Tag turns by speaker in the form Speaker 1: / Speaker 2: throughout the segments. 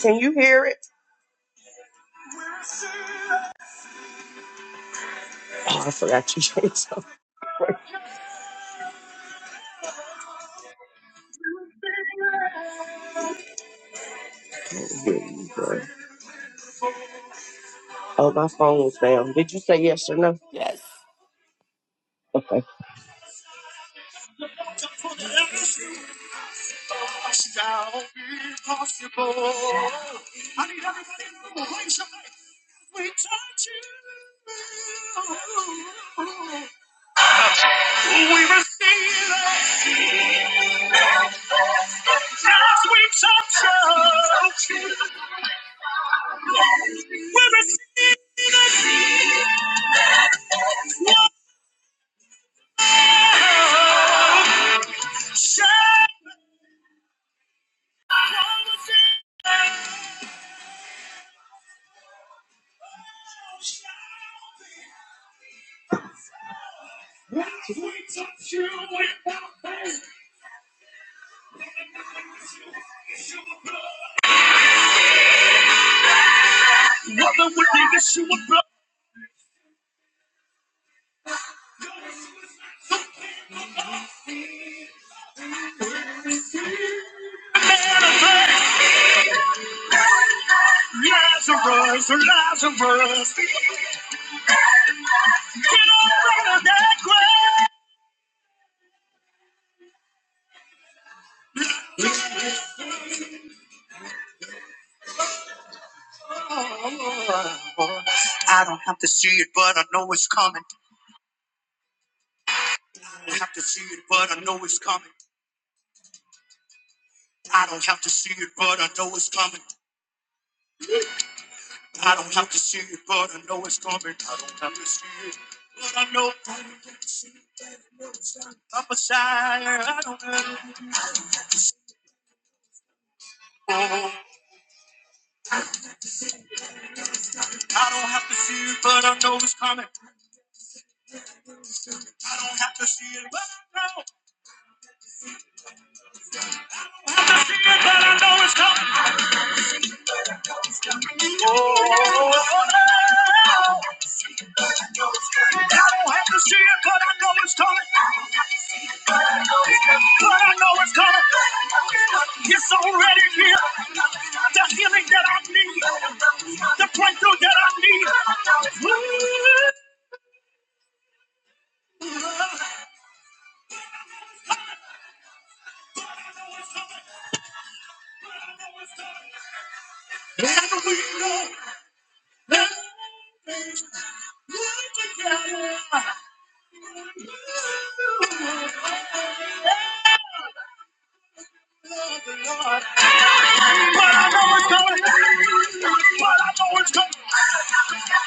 Speaker 1: Can you hear it? Oh, I forgot you said something. Oh, my phone was down. Did you say yes or no?
Speaker 2: Yes.
Speaker 1: Okay.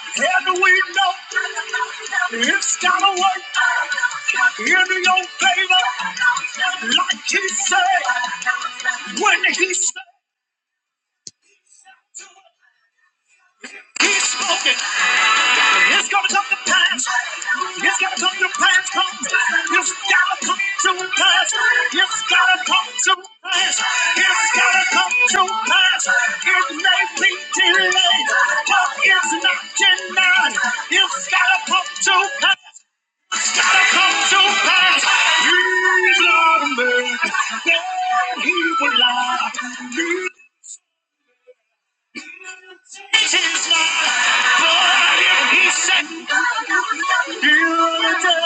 Speaker 1: How do we know it's gotta work in your favor? Like he said, when he said. It's gonna come to pass. It's gonna come to pass. Come. It's gotta come to pass. It's gotta come to pass. It's gotta come to pass. It may be delayed, but it's not denied. It's gotta come to pass. Gotta come to pass. He's not a man that he will lie. But if he said, he'll do.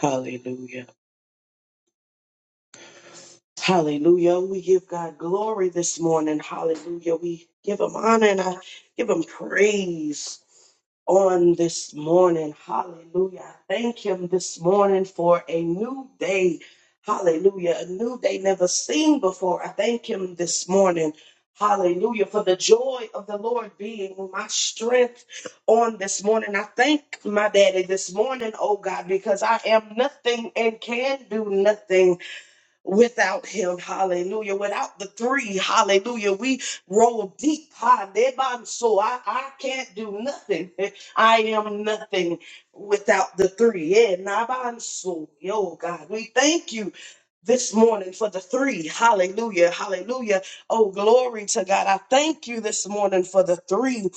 Speaker 1: Hallelujah. Hallelujah. We give God glory this morning. Hallelujah. We give him honor and I give him praise on this morning. Hallelujah. I Thank him this morning for a new day. Hallelujah. A new day never seen before. I thank him this morning. Hallelujah. For the joy of the Lord being my strength on this morning. I thank my daddy this morning, oh God, because I am nothing and can do nothing without him. Hallelujah. Without the three. Hallelujah. We roll deep. Ha, deban, So I, I can't do nothing. I am nothing without the three. Yeah, naban, so, Yo, God, we thank you this morning for the three. Hallelujah. Hallelujah. Oh, glory to God. I thank you this morning for the three.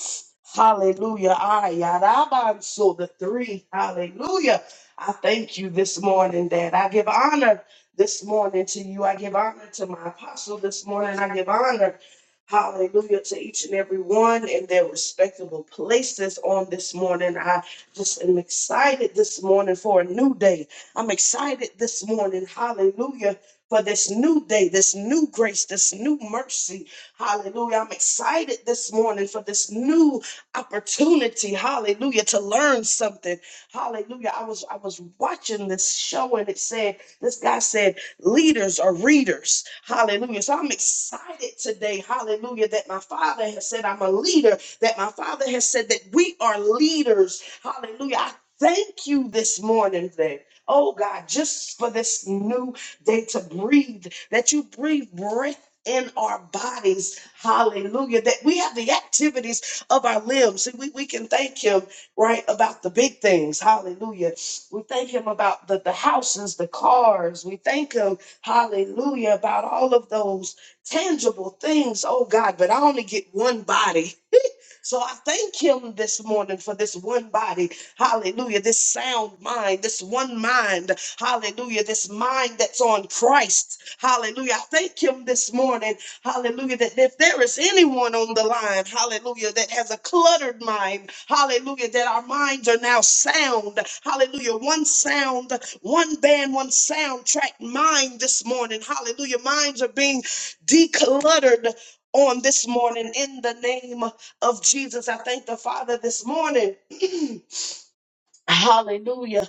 Speaker 1: Hallelujah. I so the three. Hallelujah. I thank you this morning, Dad. I give honor this morning to you. I give honor to my apostle this morning. I give honor. Hallelujah to each and every one in their respectable places on this morning. I just am excited this morning for a new day. I'm excited this morning. Hallelujah. For this new day, this new grace, this new mercy. Hallelujah. I'm excited this morning for this new opportunity. Hallelujah. To learn something. Hallelujah. I was I was watching this show and it said, this guy said, leaders are readers. Hallelujah. So I'm excited today. Hallelujah. That my father has said I'm a leader. That my father has said that we are leaders. Hallelujah. I thank you this morning Oh God, just for this new day to breathe, that you breathe breath. In our bodies, hallelujah, that we have the activities of our limbs. See, we, we can thank Him, right, about the big things, hallelujah. We thank Him about the, the houses, the cars. We thank Him, hallelujah, about all of those tangible things, oh God. But I only get one body, so I thank him this morning for this one body. Hallelujah. This sound mind, this one mind. Hallelujah. This mind that's on Christ. Hallelujah. I thank him this morning. Hallelujah. That if there is anyone on the line, hallelujah, that has a cluttered mind, hallelujah, that our minds are now sound. Hallelujah. One sound, one band, one soundtrack mind this morning. Hallelujah. Minds are being decluttered on this morning in the name of Jesus. I thank the Father this morning. Hallelujah.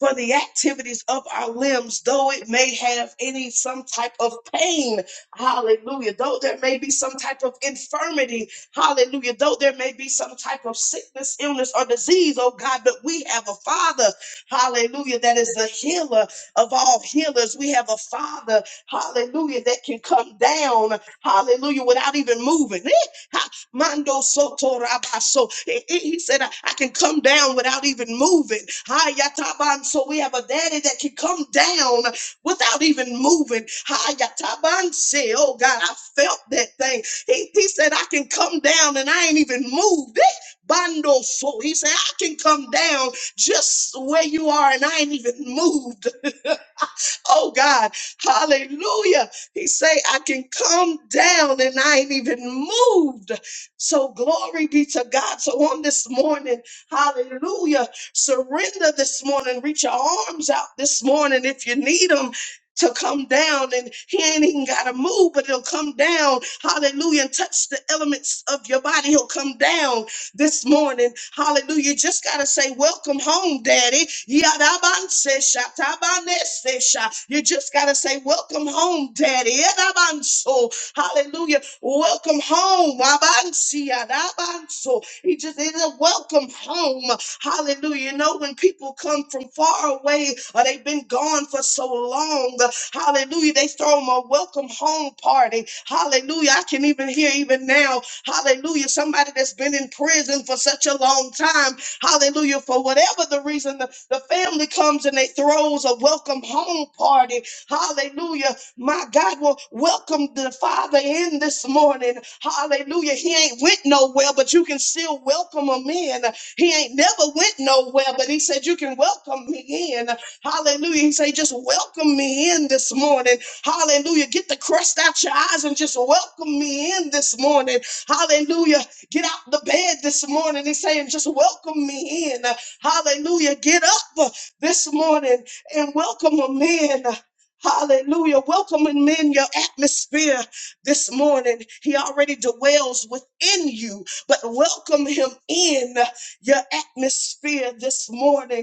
Speaker 1: For the activities of our limbs, though it may have any some type of pain, hallelujah. Though there may be some type of infirmity, hallelujah. Though there may be some type of sickness, illness, or disease, oh God, but we have a Father, hallelujah, that is the healer of all healers. We have a Father, hallelujah, that can come down, hallelujah, without even moving. Eh? Mando soto rabaso. He he- he said, I, I can come down without even moving. Hi, yataban. So we have a daddy that can come down without even moving. Hi, yataban. Say, oh God, I felt that thing. He, he said, I can come down and I ain't even moved. Eh, Bando so. He said, I can come down just where you are and I ain't even moved. Oh God, hallelujah. He say, I can come down and I ain't even moved. So glory be to God. So on this morning, hallelujah, surrender this morning. Reach your arms out this morning if you need them. To come down and he ain't even gotta move, but he'll come down, hallelujah, and touch the elements of your body. He'll come down this morning. Hallelujah. Just got to say, Welcome home, Daddy. Yadabansesha, tabanesesha. You just got to say, Welcome home, Daddy. Yadabanso. Hallelujah. Welcome home. Wabansi, yadabanso. He just is a welcome home. Hallelujah. You know, when people come from far away or they've been gone for so long, hallelujah, they throw them a welcome home party. Hallelujah. I can even hear even now Hallelujah. Somebody that's been in prison for such a long time. Hallelujah. For whatever the reason, the, the family comes and they throws a welcome home party. Hallelujah. My God will welcome the Father in this morning. Hallelujah. He ain't went nowhere, but you can still welcome him in. He ain't never went nowhere, but he said, You can welcome me in. Hallelujah. He said, Just welcome me in this morning. Hallelujah. Get the crust out your eyes and just welcome me in this morning. Hallelujah. Get out the bed this morning. He's saying, just welcome me in. Hallelujah. Get up this morning and welcome them in. Hallelujah. Welcoming in your atmosphere this morning. He already dwells within you, but welcome him in your atmosphere this morning.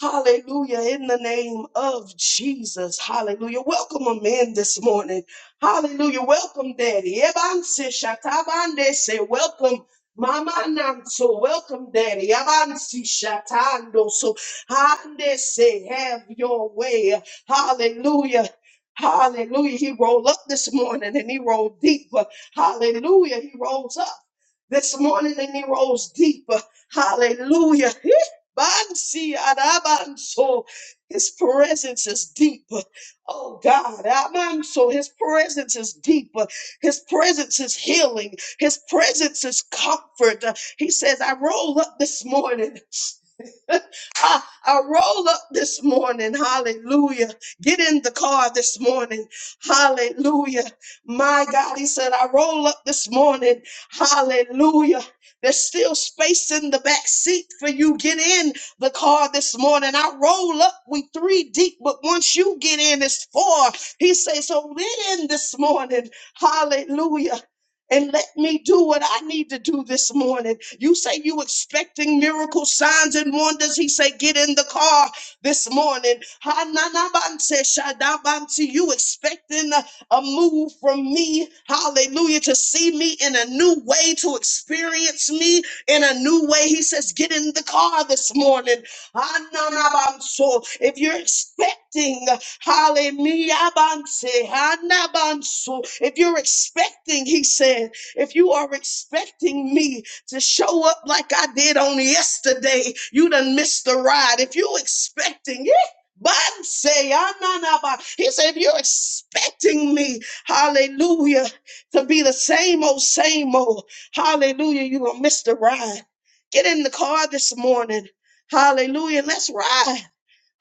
Speaker 1: Hallelujah. In the name of Jesus. Hallelujah. Welcome them in this morning. Hallelujah. Welcome, Daddy. Ebanse shatabande se welcome. Mama Nanso, welcome, Daddy. Abansi shatando. So, Hande say, have your way. Hallelujah. Hallelujah. He rolled up this morning and he rolled deeper. Hallelujah. He rolls up. This morning and he rose deeper. Hallelujah. Eh, bansi adabanso. His presence is deeper. Oh God, so his presence is deeper. His presence is healing. His presence is comfort. Uh, He says, I roll up this morning. I, I roll up this morning. Hallelujah. Get in the car this morning. Hallelujah. My God, he said, I roll up this morning. Hallelujah. There's still space in the back seat for you. Get in the car this morning. I roll up. We three deep, but once you get in, it's four. He says, so get in this morning. Hallelujah and let me do what I need to do this morning. You say you expecting miracles, signs and wonders. He say, get in the car this morning. Hananabanse shadabansi. You expecting a a move from me. Hallelujah. To see me in a new way, to experience me in a new way. He says, get in the car this morning. Ananabanso. If you're expecting, hallelujah, banse, hanabanso. if you're expecting, he said, if you are expecting me to show up like I did on yesterday, you done missed the ride. If you expecting, yeah, banse, ananaba. he said, if you're expecting me, hallelujah, to be the same old, same old, hallelujah, you're going to miss the ride. Get in the car this morning Hallelujah. Let's ride.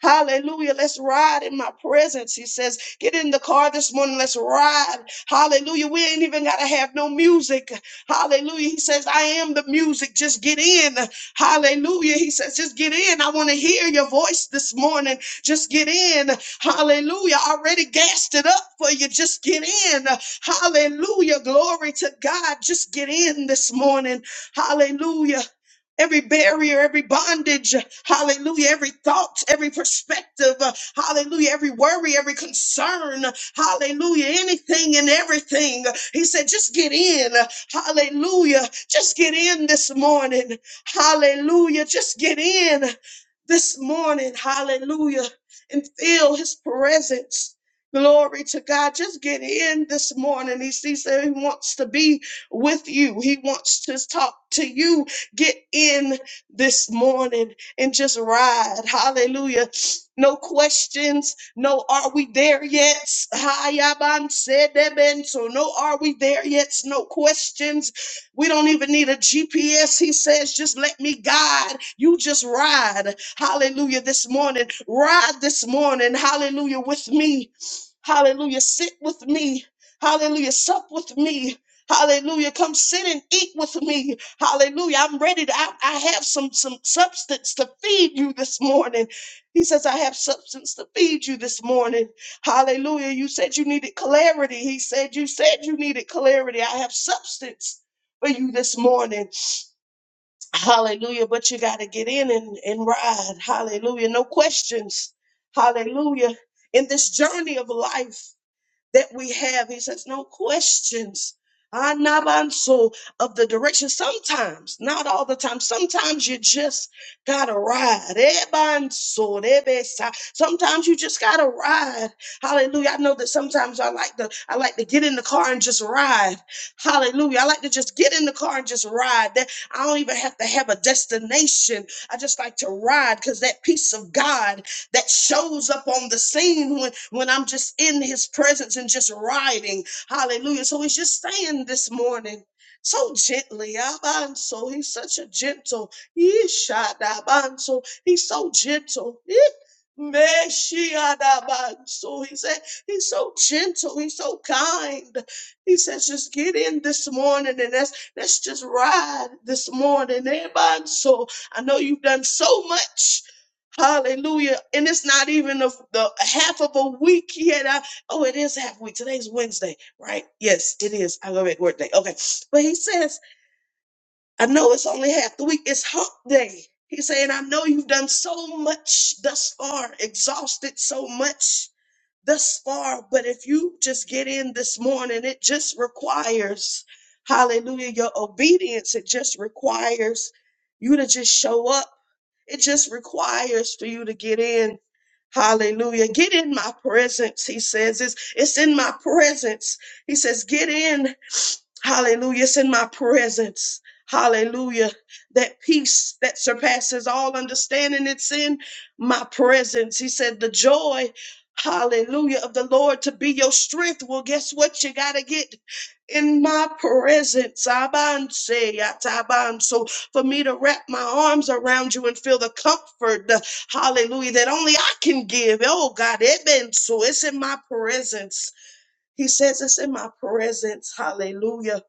Speaker 1: Hallelujah. Let's ride in my presence. He says, get in the car this morning. Let's ride. Hallelujah. We ain't even got to have no music. Hallelujah. He says, I am the music. Just get in. Hallelujah. He says, just get in. I want to hear your voice this morning. Just get in. Hallelujah. I already gassed it up for you. Just get in. Hallelujah. Glory to God. Just get in this morning. Hallelujah every barrier, every bondage, hallelujah, every thought, every perspective, uh, hallelujah, every worry, every concern, hallelujah, anything and everything. He said, just get in, hallelujah, just get in this morning, hallelujah, just get in this morning, hallelujah, and feel his presence. Glory to God. Just get in this morning. He, he said he wants to be with you. He wants to talk to you. Get in this morning and just ride. Hallelujah. No questions. No, are we there yet? Hayaban sedebento. No, are we there yet? No questions. We don't even need a GPS. He says, just let me guide. You just ride. Hallelujah. This morning, ride this morning. Hallelujah. With me. Hallelujah. Sit with me. Hallelujah. Sup with me. Hallelujah. Come sit and eat with me. Hallelujah. I'm ready to, I, I have some, some substance to feed you this morning. He says, I have substance to feed you this morning. Hallelujah. You said you needed clarity. He said, You said you needed clarity. I have substance for you this morning. Hallelujah. But you got to get in and, and ride. Hallelujah. No questions. Hallelujah. In this journey of life that we have. He says, no questions. Anabanso of the direction. Sometimes, not all the time. Sometimes you just gotta ride. Ebanso, rebesa. Sometimes you just gotta ride. Hallelujah. I know that sometimes I like to I like to get in the car and just ride. Hallelujah. I like to just get in the car and just ride. That I don't even have to have a destination. I just like to ride because that peace of God that shows up on the scene when, when I'm just in his presence and just riding. Hallelujah. So he's just saying this morning. So gently, Abanso, he's such a gentle, Ishadabanso, he's so gentle. Eh, Meshiadabanso, he said, he's so gentle, he's so kind. He says, just get in this morning and let's, let's just ride this morning. Abanso, I know you've done so much. Hallelujah. And it's not even the, the half of a week yet. I, oh, it is half a week. Today's Wednesday, right? Yes, it is. I love it. Work day. Okay. But he says, I know it's only half the week. It's hump day. He's saying, I know you've done so much thus far, exhausted so much thus far. But if you just get in this morning, it just requires, hallelujah, your obedience. It just requires you to just show up it just requires for you to get in. Hallelujah. Get in my presence, he says. It's, it's in my presence. He says, get in. Hallelujah. It's in my presence. Hallelujah. That peace that surpasses all understanding, it's in my presence. He said, The joy, hallelujah, of the Lord to be your strength. Well, guess what? You got to get in my presence. Abanse, yataban. So for me to wrap my arms around you and feel the comfort, uh, hallelujah, that only I can give. Oh, God, eben. so it's in my presence. He says it's in my presence. Hallelujah.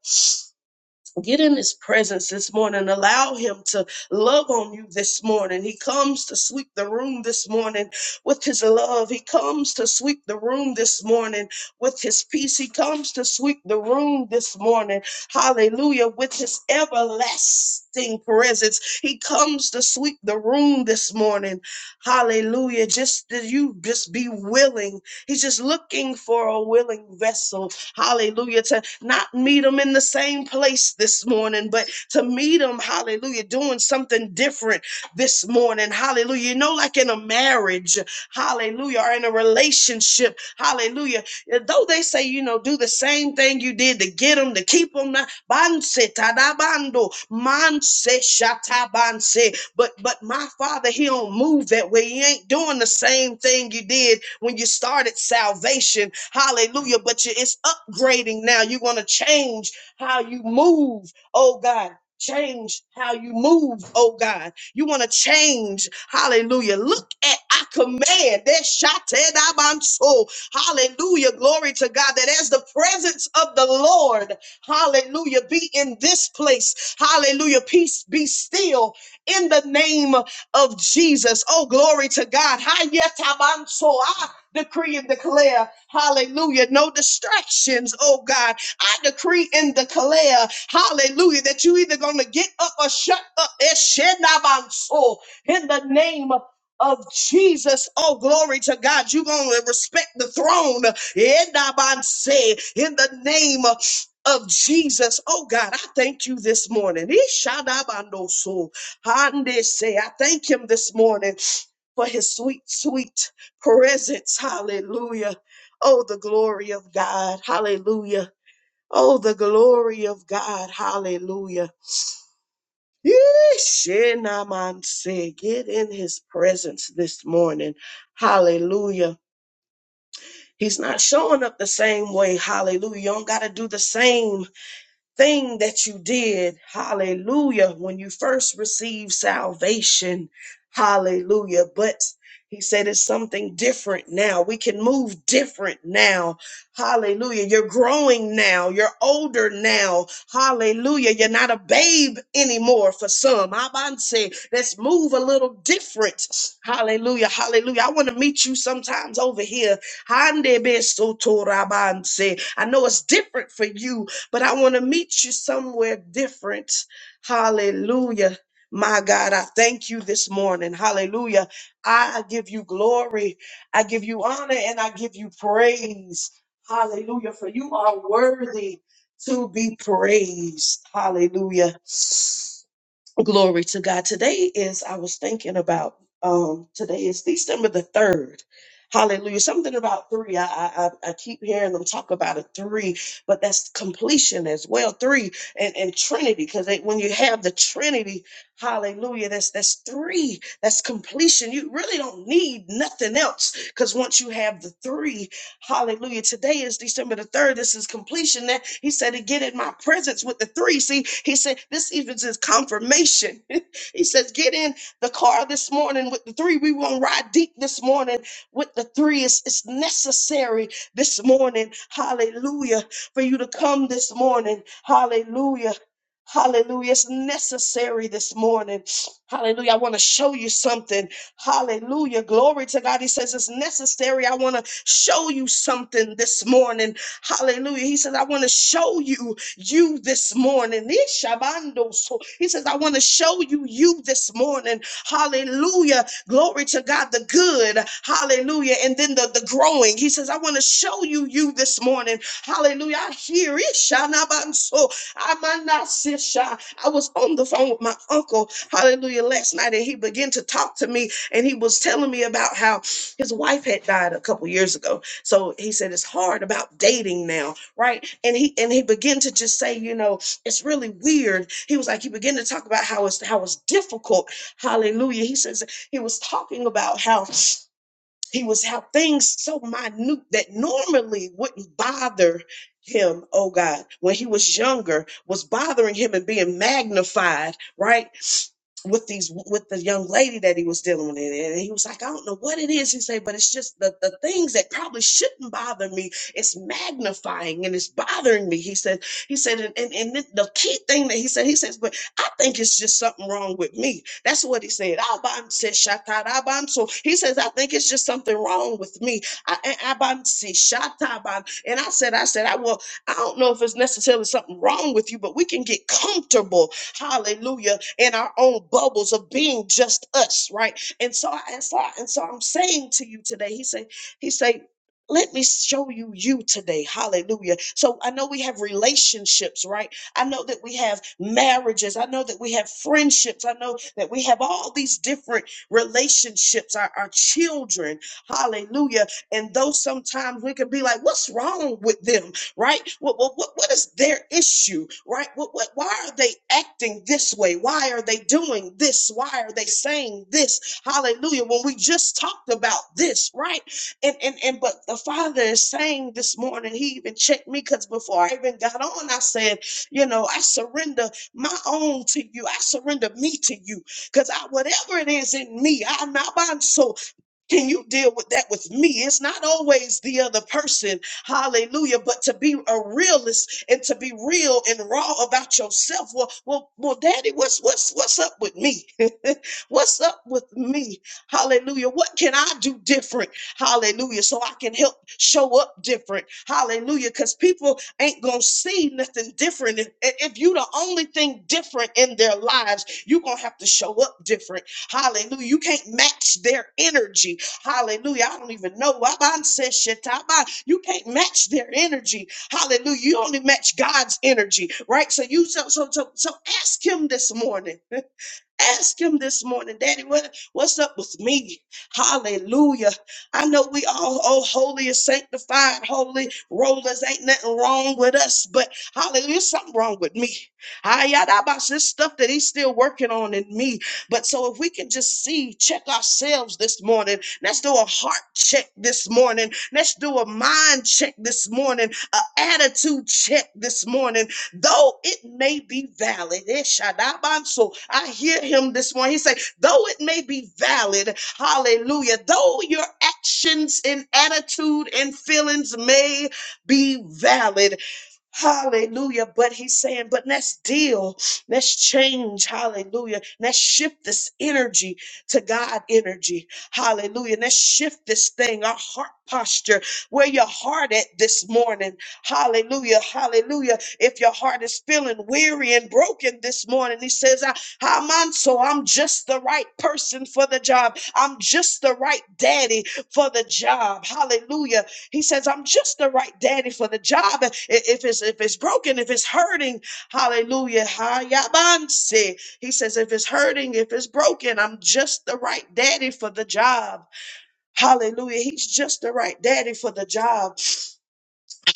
Speaker 1: Get in his presence this morning. Allow him to love on you this morning. He comes to sweep the room this morning with his love. He comes to sweep the room this morning with his peace. He comes to sweep the room this morning. Hallelujah. With his everlasting presence. He comes to sweep the room this morning. Hallelujah. Just that you just be willing. He's just looking for a willing vessel hallelujah, to not meet them in the same place this morning, but to meet them, hallelujah, doing something different this morning, hallelujah. You know, like in a marriage, hallelujah, or in a relationship, hallelujah. Though they say, you know, do the same thing you did to get them, to keep them, banse tadabando, manse shatabanse. But but my father, he don't move that way. He ain't doing the same thing you did when you started salvation. Hallelujah. But you it's upgrading now. You want to change how you move, oh God. Change how you move, oh God. You want to change. Hallelujah. Look at I command that shatadabanso. Hallelujah. Glory to God. That as the presence of the Lord, hallelujah, be in this place. Hallelujah. Peace be still in the name of Jesus. Oh, glory to God. Hayatabanso. I decree and declare, hallelujah, no distractions, oh God. I decree and declare, hallelujah, that you either going to get up or shut up. Eshenabanso. In the name of Jesus, oh glory to God, you're going to respect the throne. Enabanse. In the name of Jesus. Oh God, I thank you this morning. Ishadabandoso. Hande say, I thank him this morning for his sweet, sweet presence. Hallelujah. Oh, the glory of God. Hallelujah. Oh, the glory of God. Hallelujah. Yeesh, shenamanse. Get in his presence this morning. Hallelujah. He's not showing up the same way. Hallelujah. You don't got to do the same. thing that you did, hallelujah, when you first received salvation, hallelujah. But he said it's something different now. We can move different now. Hallelujah. You're growing now. You're older now. Hallelujah. You're not a babe anymore for some. i say let's move a little different. Hallelujah. Hallelujah. I want to meet you sometimes over here Hande beso torabanse. I know it's different for you, but I want to meet you somewhere different. Hallelujah. My God, I thank you this morning. Hallelujah. I give you glory. I give you honor and I give you praise. Hallelujah. For you are worthy to be praised. Hallelujah. Glory to God. Today is, I was thinking about, um, today is December the 3rd. Hallelujah. Something about three. I, I, I I keep hearing them talk about a three, but that's completion as well. Three and, and Trinity. Cause they, when you have the Trinity, hallelujah, that's, that's three. That's completion. You really don't need nothing else. Cause once you have the three, Hallelujah. Today is December the 3rd. This is completion. That he said to get in my presence with the three. See, he said this even is confirmation. he says, get in the car this morning with the three. We won't ride deep this morning with the three. It's, it's necessary this morning. Hallelujah. For you to come this morning. Hallelujah. Hallelujah. It's necessary this morning. Hallelujah. I want to show you something. Hallelujah. Glory to God. He says it's necessary. I want to show you something this morning. Hallelujah. He says, I want to show you you this morning. Ishabando. So he says, I want to show you you this morning. Hallelujah. Glory to God, the good. Hallelujah. And then the, the growing. He says, I want to show you you this morning. Hallelujah. I hear Ishanabanso. Amanasisha. I was on the phone with my uncle, hallelujah, last night, and he began to talk to me and he was telling me about how his wife had died a couple years ago. So he said it's hard about dating now, right? And he and he began to just say, you know, it's really weird. He was like, he began to talk about how it's how it's difficult. Hallelujah. He says he was talking about how he was out things so minute that normally wouldn't bother him, oh God, when he was younger, was bothering him and being magnified, right? With these with the young lady that he was dealing with. And he was like, I don't know what it is. He said, but it's just the, the things that probably shouldn't bother me. It's magnifying and it's bothering me. He said, he said, and, and, and the key thing that he said, he says, but I think it's just something wrong with me. That's what he said. Abanse shataraban. So he says, I think it's just something wrong with me. I, I- abanse shataban. And I said, I said, I will. I don't know if it's necessarily something wrong with you, but we can get comfortable, hallelujah, in our own bubbles of being just us, right? And so I and so, I- and so I'm saying to you today, he said, he said, let me show you you today. Hallelujah. So I know we have relationships, right? I know that we have marriages. I know that we have friendships. I know that we have all these different relationships, our, our children. Hallelujah. And though sometimes we can be like, what's wrong with them? Right? What, what, what, what is their issue? Right? What, what, why are they acting this way? Why are they doing this? Why are they saying this? Hallelujah. When we just talked about this, right? And and and but the father is saying this morning, he even checked me because before I even got on, I said, you know, I surrender my own to you. I surrender me to you because I, whatever it is in me, I'm not bound. So can you deal with that with me? It's not always the other person. Hallelujah. But to be a realist and to be real and raw about yourself. Well, well, well, daddy, what's what's what's up with me? what's up with me? Hallelujah. What can I do different? Hallelujah. So I can help show up different. Hallelujah. Because people ain't gonna see nothing different. If, if you the only thing different in their lives, you're gonna have to show up different. Hallelujah. You can't match their energy. Hallelujah. I don't even know. Wabanseshetaba. You can't match their energy. Hallelujah. You only match God's energy, right? So you so so so, so ask him this morning. Ask him this morning, Daddy, what, what's up with me? Hallelujah. I know we all, oh, holy and sanctified, holy rollers. Ain't nothing wrong with us, but hallelujah, something wrong with me. I about this stuff that he's still working on in me. But so if we can just see, check ourselves this morning, let's do a heart check this morning, let's do a mind check this morning, an attitude check this morning though it may be valid. eh, I hear him this morning. He say, though it may be valid, hallelujah, though your actions and attitude and feelings may be valid. Hallelujah. But he's saying, but let's deal, let's change. Hallelujah. Let's shift this energy to God energy. Hallelujah. Let's shift this thing, our heart posture, where your heart at this morning. Hallelujah. Hallelujah. If your heart is feeling weary and broken this morning, he says, I, I'm on, so I'm just the right person for the job. I'm just the right daddy for the job. Hallelujah. He says, I'm just the right daddy for the job. I- If it's if it's broken, if it's hurting, hallelujah. Ha, ya, He says, if it's hurting, if it's broken, I'm just the right daddy for the job. Hallelujah. He's just the right daddy for the job.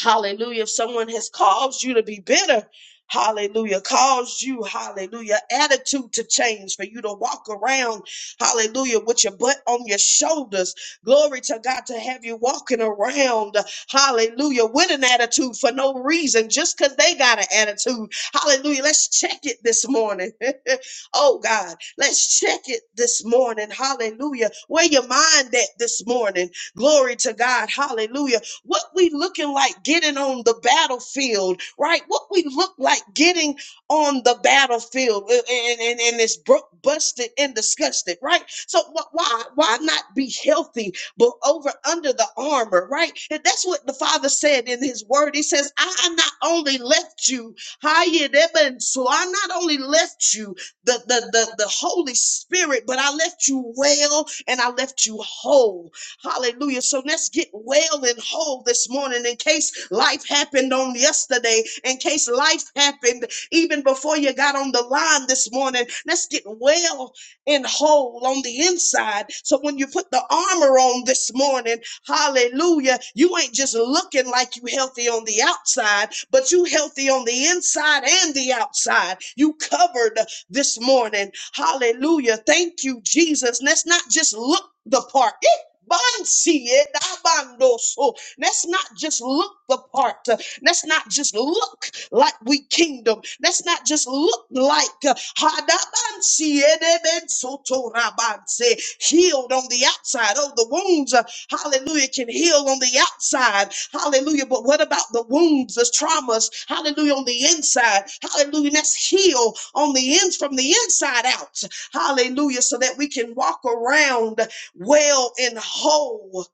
Speaker 1: Hallelujah. If someone has caused you to be bitter, hallelujah, caused you, hallelujah, attitude to change for you to walk around, hallelujah, with your butt on your shoulders. Glory to God to have you walking around, hallelujah, with an attitude for no reason, just because they got an attitude. Hallelujah. Let's check it this morning. oh, God. Let's check it this morning. Hallelujah. Where your mind at this morning? Glory to God. Hallelujah what we looking like getting on the battlefield, right? What we look like getting on the battlefield uh, and, and, and it's bro- busted and disgusted, right? So wh- why why not be healthy but over under the armor, right? And that's what the father said in his word. He says, I not only left you, Hayedeben, so I not only left you the, the, the, the Holy Spirit, but I left you well and I left you whole. Hallelujah. So let's get well and whole this morning in case life happened on yesterday, in case life happened even before you got on the line this morning. Let's get well and whole on the inside. So when you put the armor on this morning, hallelujah, you ain't just looking like you healthy on the outside, but you healthy on the inside and the outside. You covered this morning. Hallelujah. Thank you, Jesus. Let's not just look the part. Bansi edabandoso. Let's not just look the part. Let's not just look like we kingdom. Let's not just look like uh, hadabansi edebensotorabanse. healed on the outside. Oh, the wounds, uh, hallelujah, can heal on the outside. Hallelujah. But what about the wounds, the traumas? Hallelujah, on the inside. Hallelujah. Let's heal on the ends from the inside out. Hallelujah. So that we can walk around well and whole.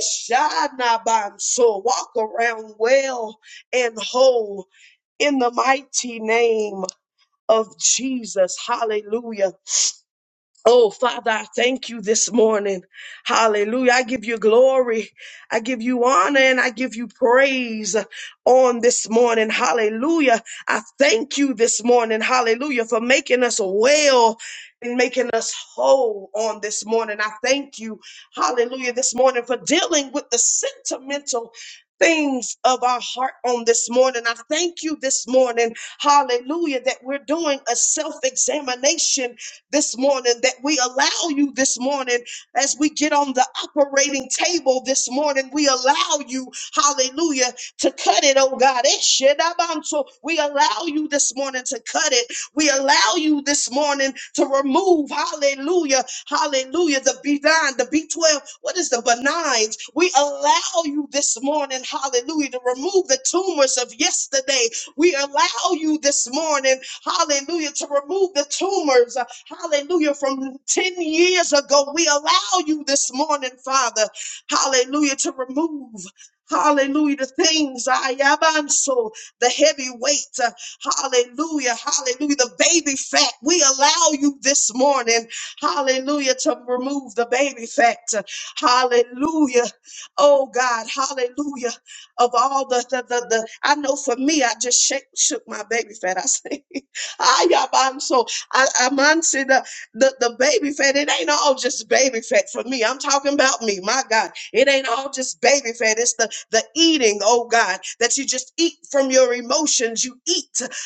Speaker 1: So walk around well and whole in the mighty name of Jesus. Hallelujah. Oh, Father, I thank you this morning. Hallelujah. I give you glory. I give you honor and I give you praise on this morning. Hallelujah. I thank you this morning. Hallelujah for making us well and making us whole on this morning. I thank you. Hallelujah. This morning for dealing with the sentimental things of our heart on this morning. I thank you this morning. Hallelujah that we're doing a self-examination this morning, that we allow you this morning as we get on the operating table this morning. We allow you, hallelujah, to cut it, oh God. Eh, shedabanso. We allow you this morning to cut it. We allow you this morning to remove, hallelujah, hallelujah, the B9, the B12, what is the benigns? We allow you this morning, hallelujah, to remove the tumors of yesterday. We allow you this morning, hallelujah, to remove the tumors. Hallelujah. From 10 years ago, we allow you this morning, Father. Hallelujah. To remove. Hallelujah. The things, I am so the heavy weight. uh, Hallelujah. Hallelujah. The baby fat. We allow you this morning. Hallelujah. To remove the baby fat. uh, Hallelujah. Oh God. Hallelujah. Of all the, the, the, the I know for me, I just shake, shook my baby fat. I say, I am so. I, I man said the, the the baby fat. It ain't all just baby fat for me. I'm talking about me. My God, it ain't all just baby fat. It's the the eating. Oh God, that you just eat from your emotions. You eat,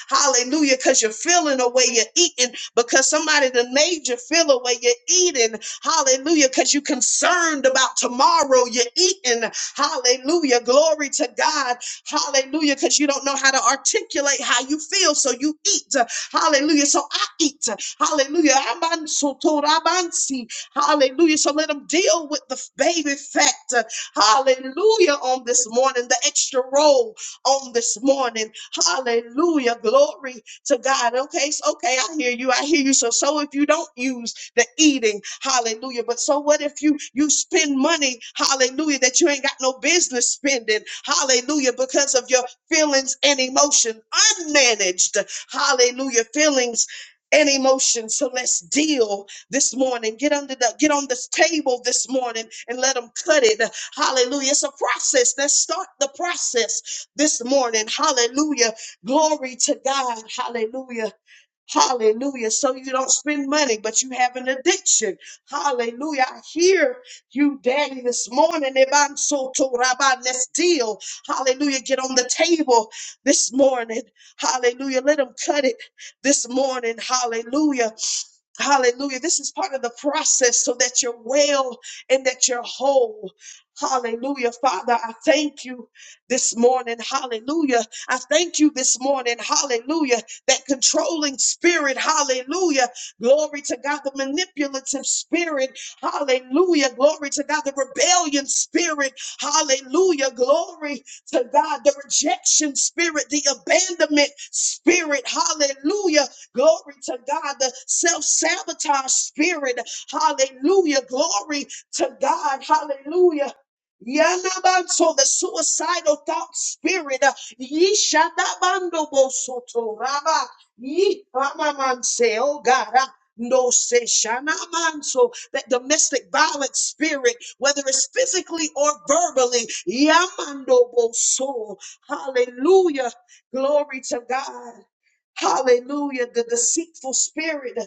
Speaker 1: Hallelujah, because you're feeling the way you're eating because somebody that made you feel the way you're eating. Hallelujah, because you're concerned about tomorrow. You're eating. Hallelujah, glory to God. Hallelujah, because you don't know how to articulate how you feel, so you eat. Hallelujah. So I eat. Hallelujah. Amansotorabansi. Hallelujah. So let them deal with the baby fat. uh, Hallelujah. On this morning, the extra roll on this morning. Hallelujah. Glory to God. Okay, it's okay. I hear you. I hear you. So, so if you don't use the eating, hallelujah. But so what if you you spend money, hallelujah, that you ain't got no business spending, hallelujah, because of your feelings and emotion unmanaged. Hallelujah. Feelings and emotions. So let's deal this morning. Get under the get on this table this morning and let them cut it. Hallelujah. It's a process. Let's start the process this morning. Hallelujah. Glory to God. Hallelujah. Hallelujah. So you don't spend money, but you have an addiction. Hallelujah. I hear you, Daddy, this morning. Ebansoto rabba, Let's deal. Hallelujah. Get on the table this morning. Hallelujah. Let them cut it this morning. Hallelujah. Hallelujah. This is part of the process so that you're well and that you're whole. Hallelujah. Father, I thank you this morning. Hallelujah. I thank you this morning. Hallelujah. That controlling spirit. Hallelujah. Glory to God. The manipulative spirit. Hallelujah. Glory to God. The rebellion spirit. Hallelujah. Glory to God. The rejection spirit. The abandonment spirit. Hallelujah Glory to God, the self sabotage spirit. Hallelujah. Glory to God. Hallelujah. Yalabanso, the suicidal thought spirit. uh, Yishanabando bosoto raba. Yipamamanse, oh God. uh, No se shanamanso, that domestic violence spirit, whether it's physically or verbally. Yamando boso. Hallelujah. Glory to God. Hallelujah. The deceitful spirit.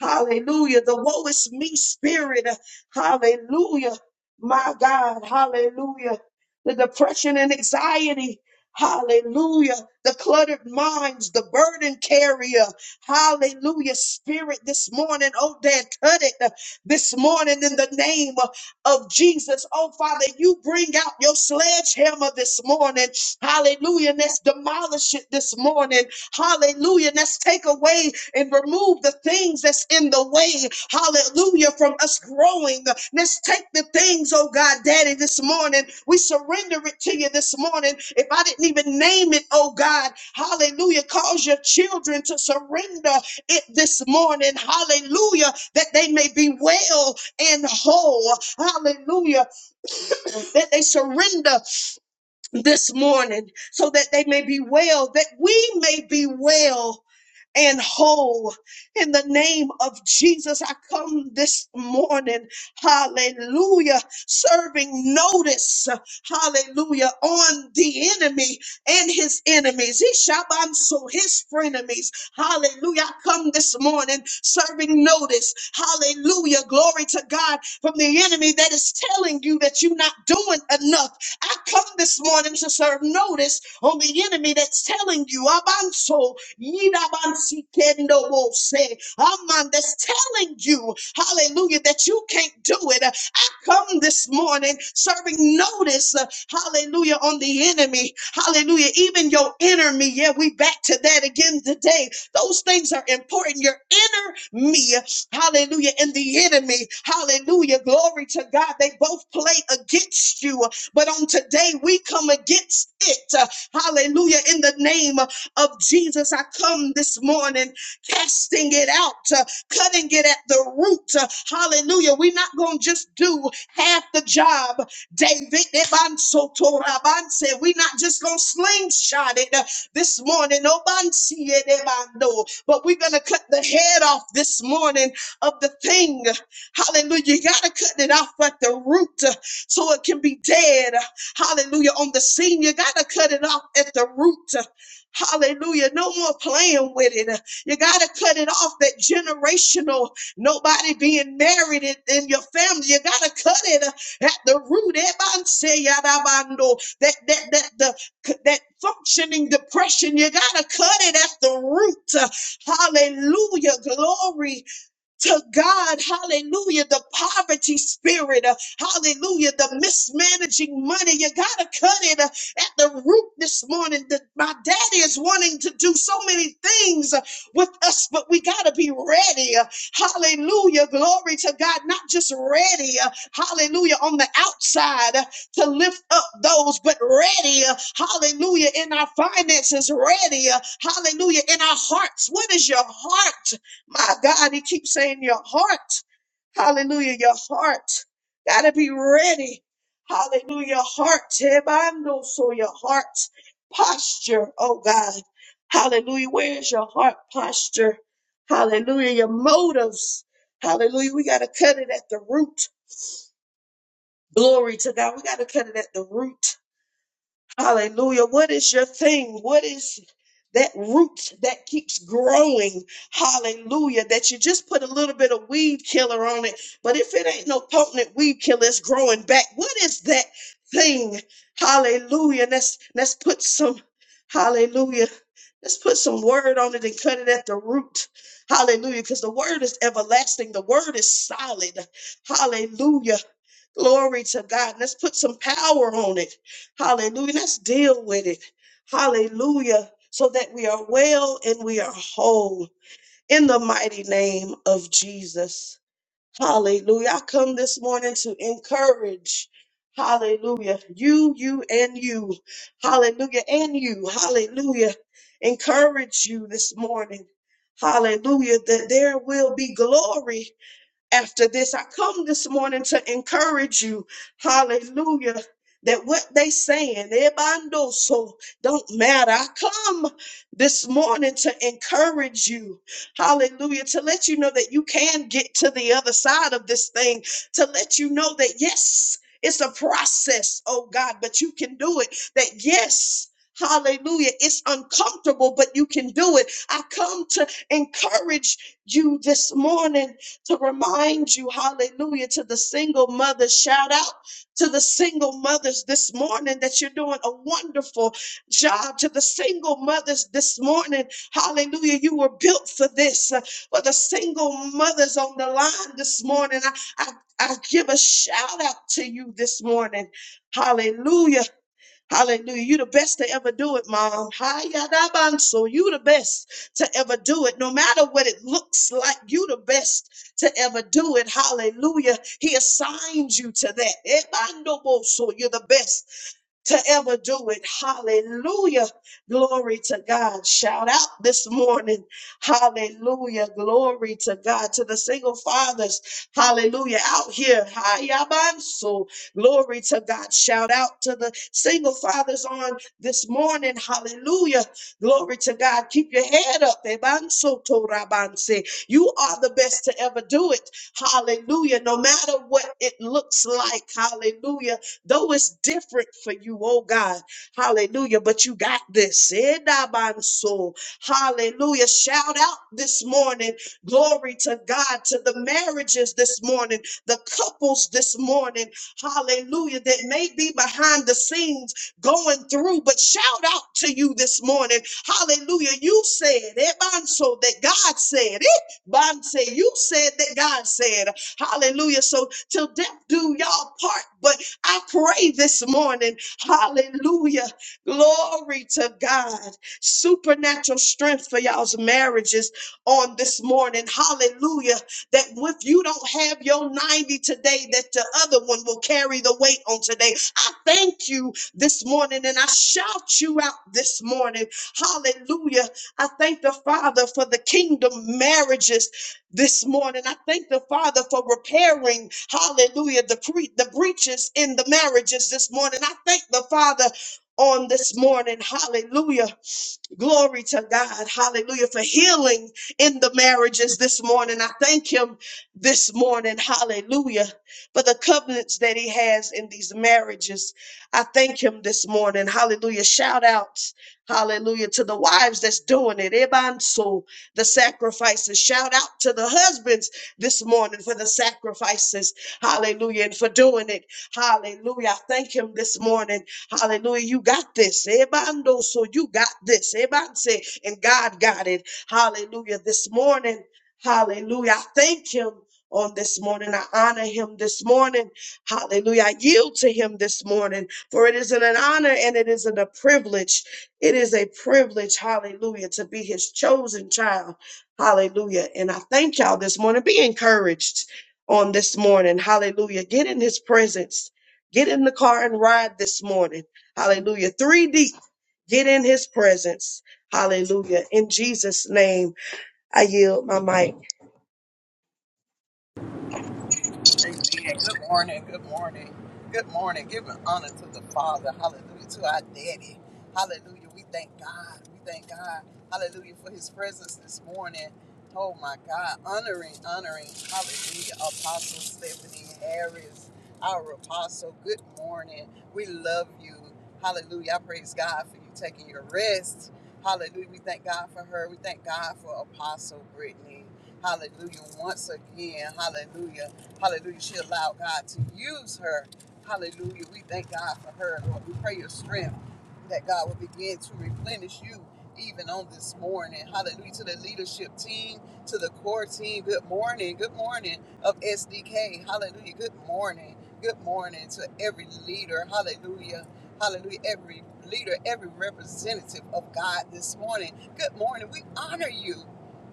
Speaker 1: Hallelujah. The woe is me spirit. Hallelujah. My God. Hallelujah. The depression and anxiety. Hallelujah. The cluttered minds, the burden carrier. Hallelujah. Spirit this morning. Oh, Dad, cut it this morning in the name of Jesus. Oh, Father, you bring out your sledgehammer this morning. Hallelujah. And let's demolish it this morning. Hallelujah. And Let's take away and remove the things that's in the way. Hallelujah. From us growing. Let's take the things, oh God, Daddy, this morning. We surrender it to you this morning. If I didn't even name it, oh God, hallelujah. Cause your children to surrender it this morning. Hallelujah. That they may be well and whole. Hallelujah. That they surrender this morning so that they may be well, that we may be well and whole. In the name of Jesus, I come this morning, hallelujah, serving notice, hallelujah, on the enemy and his enemies. He shabanso, his frenemies, hallelujah. I come this morning serving notice, hallelujah, glory to God from the enemy that is telling you that you're not doing enough. I come this morning to serve notice on the enemy that's telling you, Abanso, Yidabansikendobose. A man that's telling you, hallelujah, that you can't do it. I come this morning serving notice, uh, hallelujah, on the enemy. Hallelujah, even your enemy. Yeah, we back to that again today. Those things are important. Your inner me, hallelujah, and the enemy, hallelujah, glory to God. They both play against you, but on today we come against it, uh, hallelujah, in the name of Jesus. I come this morning casting it out, uh, cutting it at the root. Uh, hallelujah. We're not going to just do half the job. David, Ebansotorabanse. we're not just going to slingshot it uh, this morning. Obansi edebando. But we're going to cut the head off this morning of the thing. Hallelujah. You got to cut it off at the root uh, so it can be dead. Hallelujah. On the scene, you got to cut it off at the root. uh, Hallelujah. No more playing with it. You got to cut it off that generational, nobody being married in, in your family. You got to cut it at the root. Ebanse yadabando. That, that, that, the, that functioning depression, you got to cut it at the root. Hallelujah. Glory to God, hallelujah, the poverty spirit, uh, hallelujah, the mismanaging money. You got to cut it uh, at the root this morning. The- my daddy is wanting to do so many things uh, with us, but we got to be ready. uh, hallelujah, glory to God, not just ready, uh, hallelujah, on the outside uh, to lift up those, but ready, uh, hallelujah, in our finances, ready, uh, hallelujah, in our hearts. What is your heart? My God, he keeps saying your heart. Hallelujah, your heart. Gotta be ready. Hallelujah, heart. Tebando, so your heart posture, oh God. Hallelujah, where is your heart posture? Hallelujah, your motives. Hallelujah, we gotta cut it at the root. Glory to God. We gotta cut it at the root. Hallelujah. What is your thing? What is that root that keeps growing? Hallelujah. That you just put a little bit of weed killer on it. But if it ain't no potent weed killer, it's growing back. What is that thing? Hallelujah. Let's let's put some hallelujah. Let's put some word on it and cut it at the root. Hallelujah. Because the word is everlasting. The word is solid. Hallelujah. Glory to God. Let's put some power on it. Hallelujah. Let's deal with it. Hallelujah. So that we are well and we are whole in the mighty name of Jesus. Hallelujah. I come this morning to encourage. Hallelujah. You, you, and you. Hallelujah. And you. Hallelujah. Encourage you this morning. Hallelujah. That there will be glory after this. I come this morning to encourage you, hallelujah, that what they saying, ebando, so don't matter. I come this morning to encourage you, hallelujah, to let you know that you can get to the other side of this thing, to let you know that yes, it's a process, oh God, but you can do it. That yes, hallelujah, it's uncomfortable, but you can do it. I come to encourage you this morning to remind you, hallelujah, to the single mothers, shout out to the single mothers this morning that you're doing a wonderful job. To the single mothers this morning, hallelujah, you were built for this. Uh, For the single mothers on the line this morning, I, I, I give a shout out to you this morning. Hallelujah Hallelujah. You the best to ever do it, mom. So you the best to ever do it. No matter what it looks like, you the best to ever do it. Hallelujah. He assigns you to that. So you're the best to ever do it. Hallelujah. Glory to God. Shout out this morning. Hallelujah. Glory to God. To the single fathers. Hallelujah. Out here. Hayabanso. Glory to God. Shout out to the single fathers on this morning. Hallelujah. Glory to God. Keep your head up. Ebanso torabanse. You are the best to ever do it. Hallelujah. No matter what it looks like. Hallelujah Though it's different for you, oh God, hallelujah, but you got this. Eh, nah, my soul. Hallelujah. Shout out this morning. Glory to God, to the marriages this morning, the couples this morning, hallelujah, that may be behind the scenes going through, but shout out to you this morning. Hallelujah. You said, eh, Banso, that God said, eh, Banse, you said that God said, hallelujah. So till death do y'all part, but I pray this morning, hallelujah, glory to God, supernatural strength for y'all's marriages on this morning, hallelujah, that if you don't have your 90 today, that the other one will carry the weight on today. I thank you this morning and I shout you out this morning, hallelujah. I thank the Father for the kingdom marriages this morning. I thank the Father for repairing, hallelujah, the, pre- the breaches in the marriages this morning. I thank the Father on this morning, hallelujah Glory to God. Hallelujah. For healing in the marriages this morning. I thank him this morning. Hallelujah. For the covenants that he has in these marriages. I thank him this morning. Hallelujah. Shout out. Hallelujah. To the wives that's doing it. Ebanso, the sacrifices. Shout out to the husbands this morning for the sacrifices. Hallelujah. And for doing it. Hallelujah. I thank him this morning. Hallelujah. You got this. Ebando, so you got this. Ebanse, and God got it. Hallelujah. This morning, hallelujah. I thank him on this morning. I honor him this morning. Hallelujah. I yield to him this morning. For it is isn't an honor and it isn't a privilege. It is a privilege, hallelujah, to be his chosen child. Hallelujah. And I thank y'all this morning. Be encouraged on this morning. Hallelujah. Get in his presence. Get in the car and ride this morning. Hallelujah. Three deep. Get in his presence. Hallelujah. In Jesus' name, I yield my mic.
Speaker 3: Amen. Good morning. Good morning. Good morning. Giving honor to the Father. Hallelujah. To our Daddy. Hallelujah. We thank God. We thank God. Hallelujah for His presence this morning. Oh my God. Honoring, honoring. Hallelujah. Apostle Stephanie Harris, our apostle. Good morning. We love you. Hallelujah. I praise God for you taking your rest. Hallelujah. We thank God for her. We thank God for Apostle Brittany. Hallelujah. Once again. Hallelujah Hallelujah. She allowed God to use her. Hallelujah. We thank God for her, Lord. We pray your strength that God will begin to replenish you even on this morning. Hallelujah. To the leadership team, to the core team. Good morning. Good morning of SDK. Hallelujah. Good morning. Good morning to every leader. Hallelujah. Hallelujah. Every leader, every representative of God this morning. Good morning. We honor you.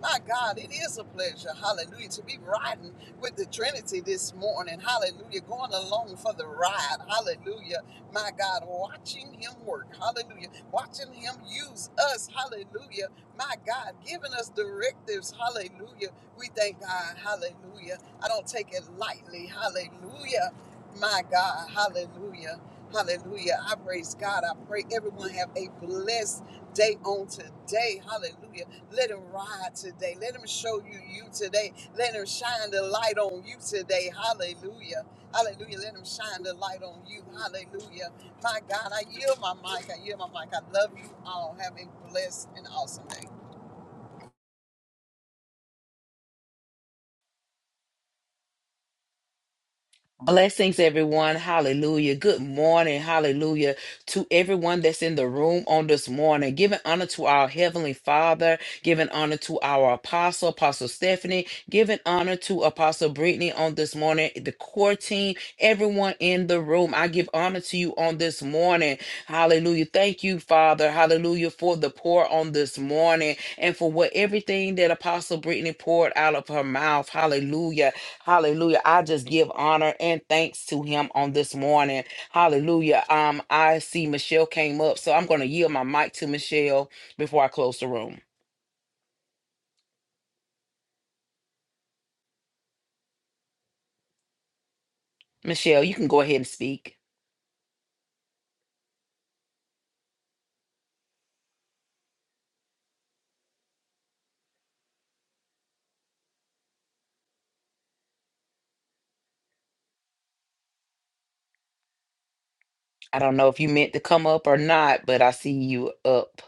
Speaker 3: My God, it is a pleasure, hallelujah, to be riding with the Trinity this morning. Hallelujah. Going along for the ride. Hallelujah. My God, watching Him work. Hallelujah. Watching Him use us. Hallelujah. My God, giving us directives. Hallelujah. We thank God. Hallelujah. I don't take it lightly. Hallelujah. My God. Hallelujah. Hallelujah. I praise God. I pray everyone have a blessed day on today. Hallelujah. Let him ride today. Let him show you you today. Let him shine the light on you today. Hallelujah. Hallelujah. Let him shine the light on you. Hallelujah. My God, I yield my mic. I yield my mic. I love you all. Have a blessed and awesome day.
Speaker 4: Blessings, everyone. Hallelujah. Good morning. Hallelujah. To everyone that's in the room on this morning, giving honor to our Heavenly Father, giving honor to our Apostle, Apostle Stephanie, giving honor to Apostle Brittany on this morning, the core team, everyone in the room. I give honor to you on this morning. Hallelujah. Thank you, Father. Hallelujah. For the pour on this morning and for what everything that Apostle Brittany poured out of her mouth. Hallelujah. Hallelujah. I just give honor and thanks to him on this morning. Hallelujah. Um, I see Michelle came up, so I'm going to yield my mic to Michelle before I close the room. Michelle, you can go ahead and speak. I don't know if you meant to come up or not, but I see you up.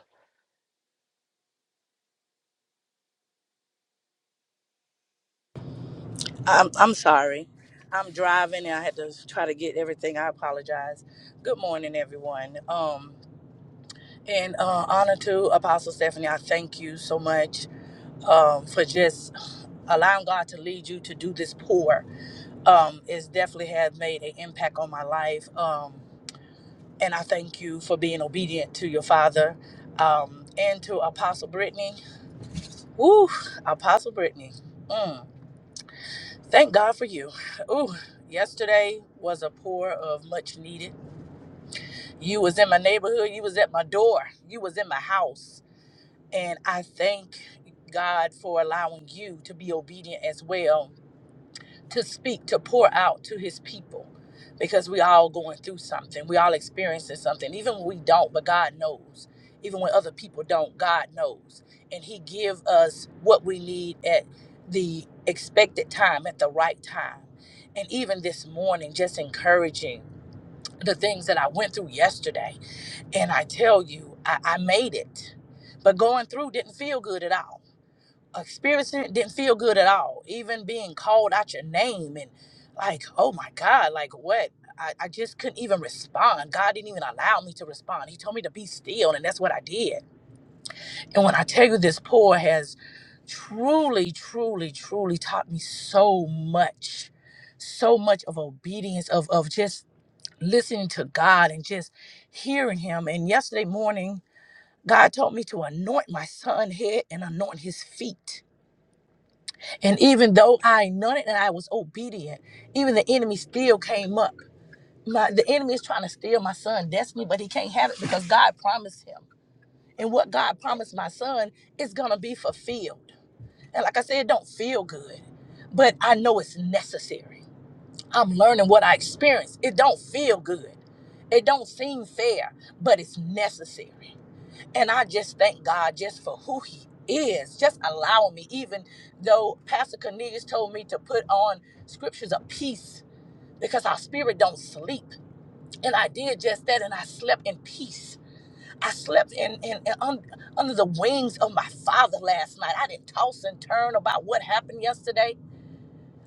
Speaker 5: I'm I'm sorry. I'm driving and I had to try to get everything. I apologize. Good morning, everyone. Um, and uh, honor to Apostle Stephanie. I thank you so much um, for just allowing God to lead you to do this pour. Um, it's definitely had made an impact on my life. Um, and I thank you for being obedient to your father um, and to Apostle Brittany. Woo, Apostle Brittany. Mm. Thank God for you. Ooh, yesterday was a pour of much needed. You was in my neighborhood, you was at my door, you was in my house. And I thank God for allowing you to be obedient as well to speak, to pour out to his people because we all going through something. We all experiencing something. Even when we don't, but God knows. Even when other people don't, God knows. And he give us what we need at the expected time, at the right time. And even this morning, just encouraging the things that I went through yesterday. And I tell you, I, I made it. But going through didn't feel good at all experiencing it didn't feel good at all. Even being called out your name and like, oh my God, like what? I, I just couldn't even respond. God didn't even allow me to respond. He told me to be still, and that's what I did. And when I tell you this pour has truly, truly, truly taught me so much, so much of obedience, of of just listening to God and just hearing him. And yesterday morning, God told me to anoint my son's head and anoint his feet and even though I nodded and I was obedient, even the enemy still came up. My, the enemy is trying to steal my son' destiny, but he can't have it because God promised him. And what God promised my son is going to be fulfilled. And like I said, it don't feel good, but I know it's necessary. I'm learning what I experienced. It don't feel good. It don't seem fair, but it's necessary. And I just thank God just for who he is. Just allow me, even though Pastor Cornelius told me to put on scriptures of peace because our spirit don't sleep. And I did just that and I slept in peace. I slept in, in, in un, under the wings of my father last night. I didn't toss and turn about what happened yesterday.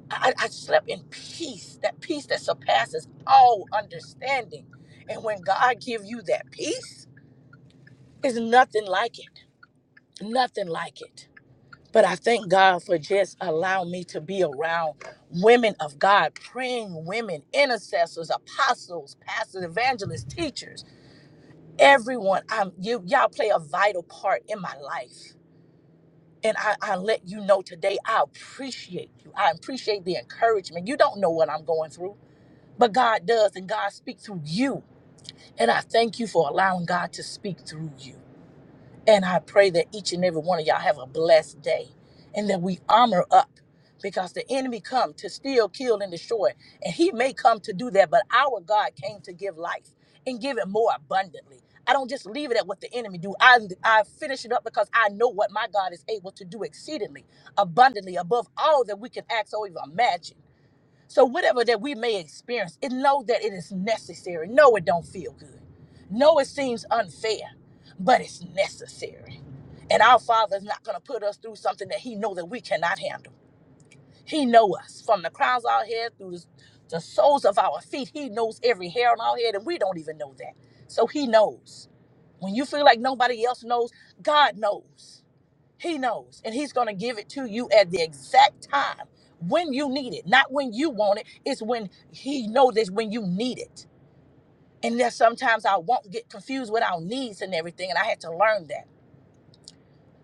Speaker 5: I, I I slept in peace, that peace that surpasses all understanding. And when God gives you that peace, it's nothing like it. Nothing like it. But I thank God for just allowing me to be around women of God, praying women, intercessors, apostles, pastors, evangelists, teachers, everyone. I'm you y'all play a vital part in my life. And I, I let you know today, I appreciate you. I appreciate the encouragement. You don't know what I'm going through, but God does, and God speaks through you. And I thank you for allowing God to speak through you. And I pray that each and every one of y'all have a blessed day and that we armor up because the enemy come to steal, kill, and destroy. And he may come to do that, but our God came to give life and give it more abundantly. I don't just leave it at what the enemy do. I, I finish it up because I know what my God is able to do exceedingly, abundantly, above all that we can ask or even imagine. So whatever that we may experience, it know that it is necessary. No, it don't feel good. No, it seems unfair, but it's necessary. And our Father is not going to put us through something that He know that we cannot handle. He know us from the crowns of our head through the, the soles of our feet. He knows every hair on our head, and we don't even know that. So He knows. When you feel like nobody else knows, God knows. He knows, and He's going to give it to you at the exact time when you need it, not when you want it. It's when He knows it's when you need it. And that sometimes I won't get confused with our needs and everything, and I had to learn that.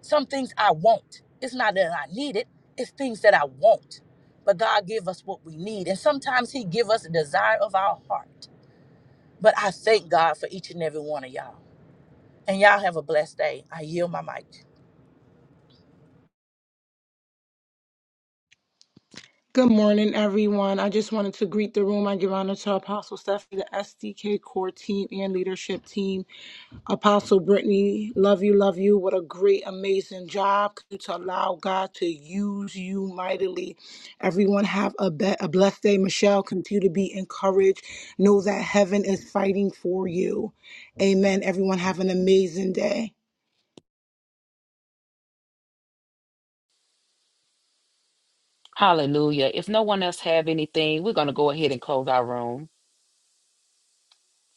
Speaker 5: Some things I want. It's not that I need it. It's things that I want. But God give us what we need, and sometimes He give us the desire of our heart. But I thank God for each and every one of y'all. And y'all have a blessed day. I yield my mic.
Speaker 6: Good morning, everyone. I just wanted to greet the room. I give honor to Apostle Stephanie, the SDK core team and leadership team. Apostle Brittany, love you, love you. What a great, amazing job to allow God to use you mightily. Everyone have a, be- a blessed day. Michelle, continue to be encouraged. Know that heaven is fighting for you. Amen. Everyone have an amazing day.
Speaker 4: Hallelujah. If no one else have anything, we're going to go ahead and close our room.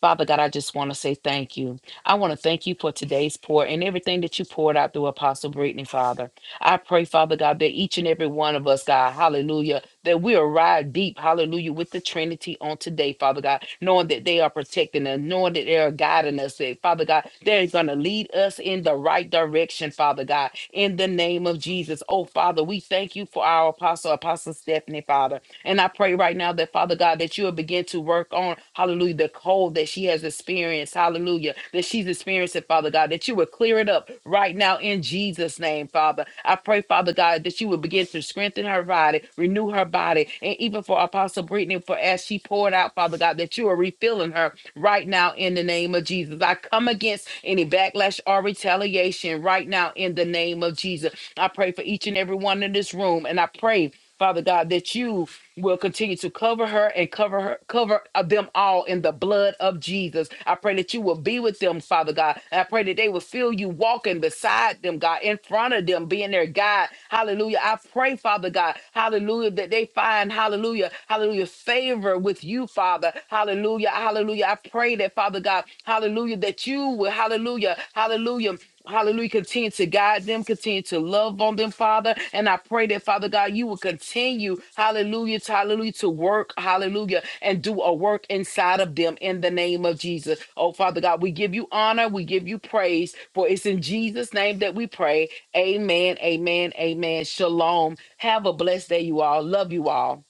Speaker 4: Father God, I just want to say thank you. I want to thank you for today's pour and everything that you poured out through Apostle Brittany, Father. I pray, Father God, that each and every one of us, God, hallelujah, that we arrive deep, hallelujah, with the Trinity on today, Father God, knowing that they are protecting us, knowing that they are guiding us, that, Father God, they're going to lead us in the right direction, Father God, in the name of Jesus. Oh, Father, we thank you for our apostle, Apostle Stephanie, Father. And I pray right now that, Father God, that you will begin to work on, hallelujah, the cold that she has experienced, hallelujah, that she's experiencing, Father God, that you will clear it up right now in Jesus' name, Father. I pray, Father God, that you will begin to strengthen her body, renew her body, and even for Apostle Brittany, for as she poured out, Father God, that you are refilling her right now in the name of Jesus. I come against any backlash or retaliation right now in the name of Jesus. I pray for each and every one in this room, and I pray. Father God, that you will continue to cover her and cover her cover uh, them all in the blood of Jesus. I pray that you will be with them, Father God. And I pray that they will feel you walking beside them, God, in front of them, being their guide. Hallelujah. I pray, Father God, hallelujah, that they find hallelujah, hallelujah, favor with you, Father. Hallelujah. Hallelujah. I pray that, Father God, hallelujah, that you will, hallelujah, hallelujah. Hallelujah. Continue to guide them, continue to love on them, Father. And I pray that, Father God, you will continue, hallelujah, to, hallelujah, to work, hallelujah, and do a work inside of them in the name of Jesus. Oh, Father God, we give you honor, we give you praise, for it's in Jesus' name that we pray. Amen, amen, amen. Shalom. Have a blessed day, you all. Love you all.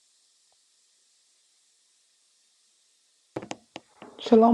Speaker 6: Shalom.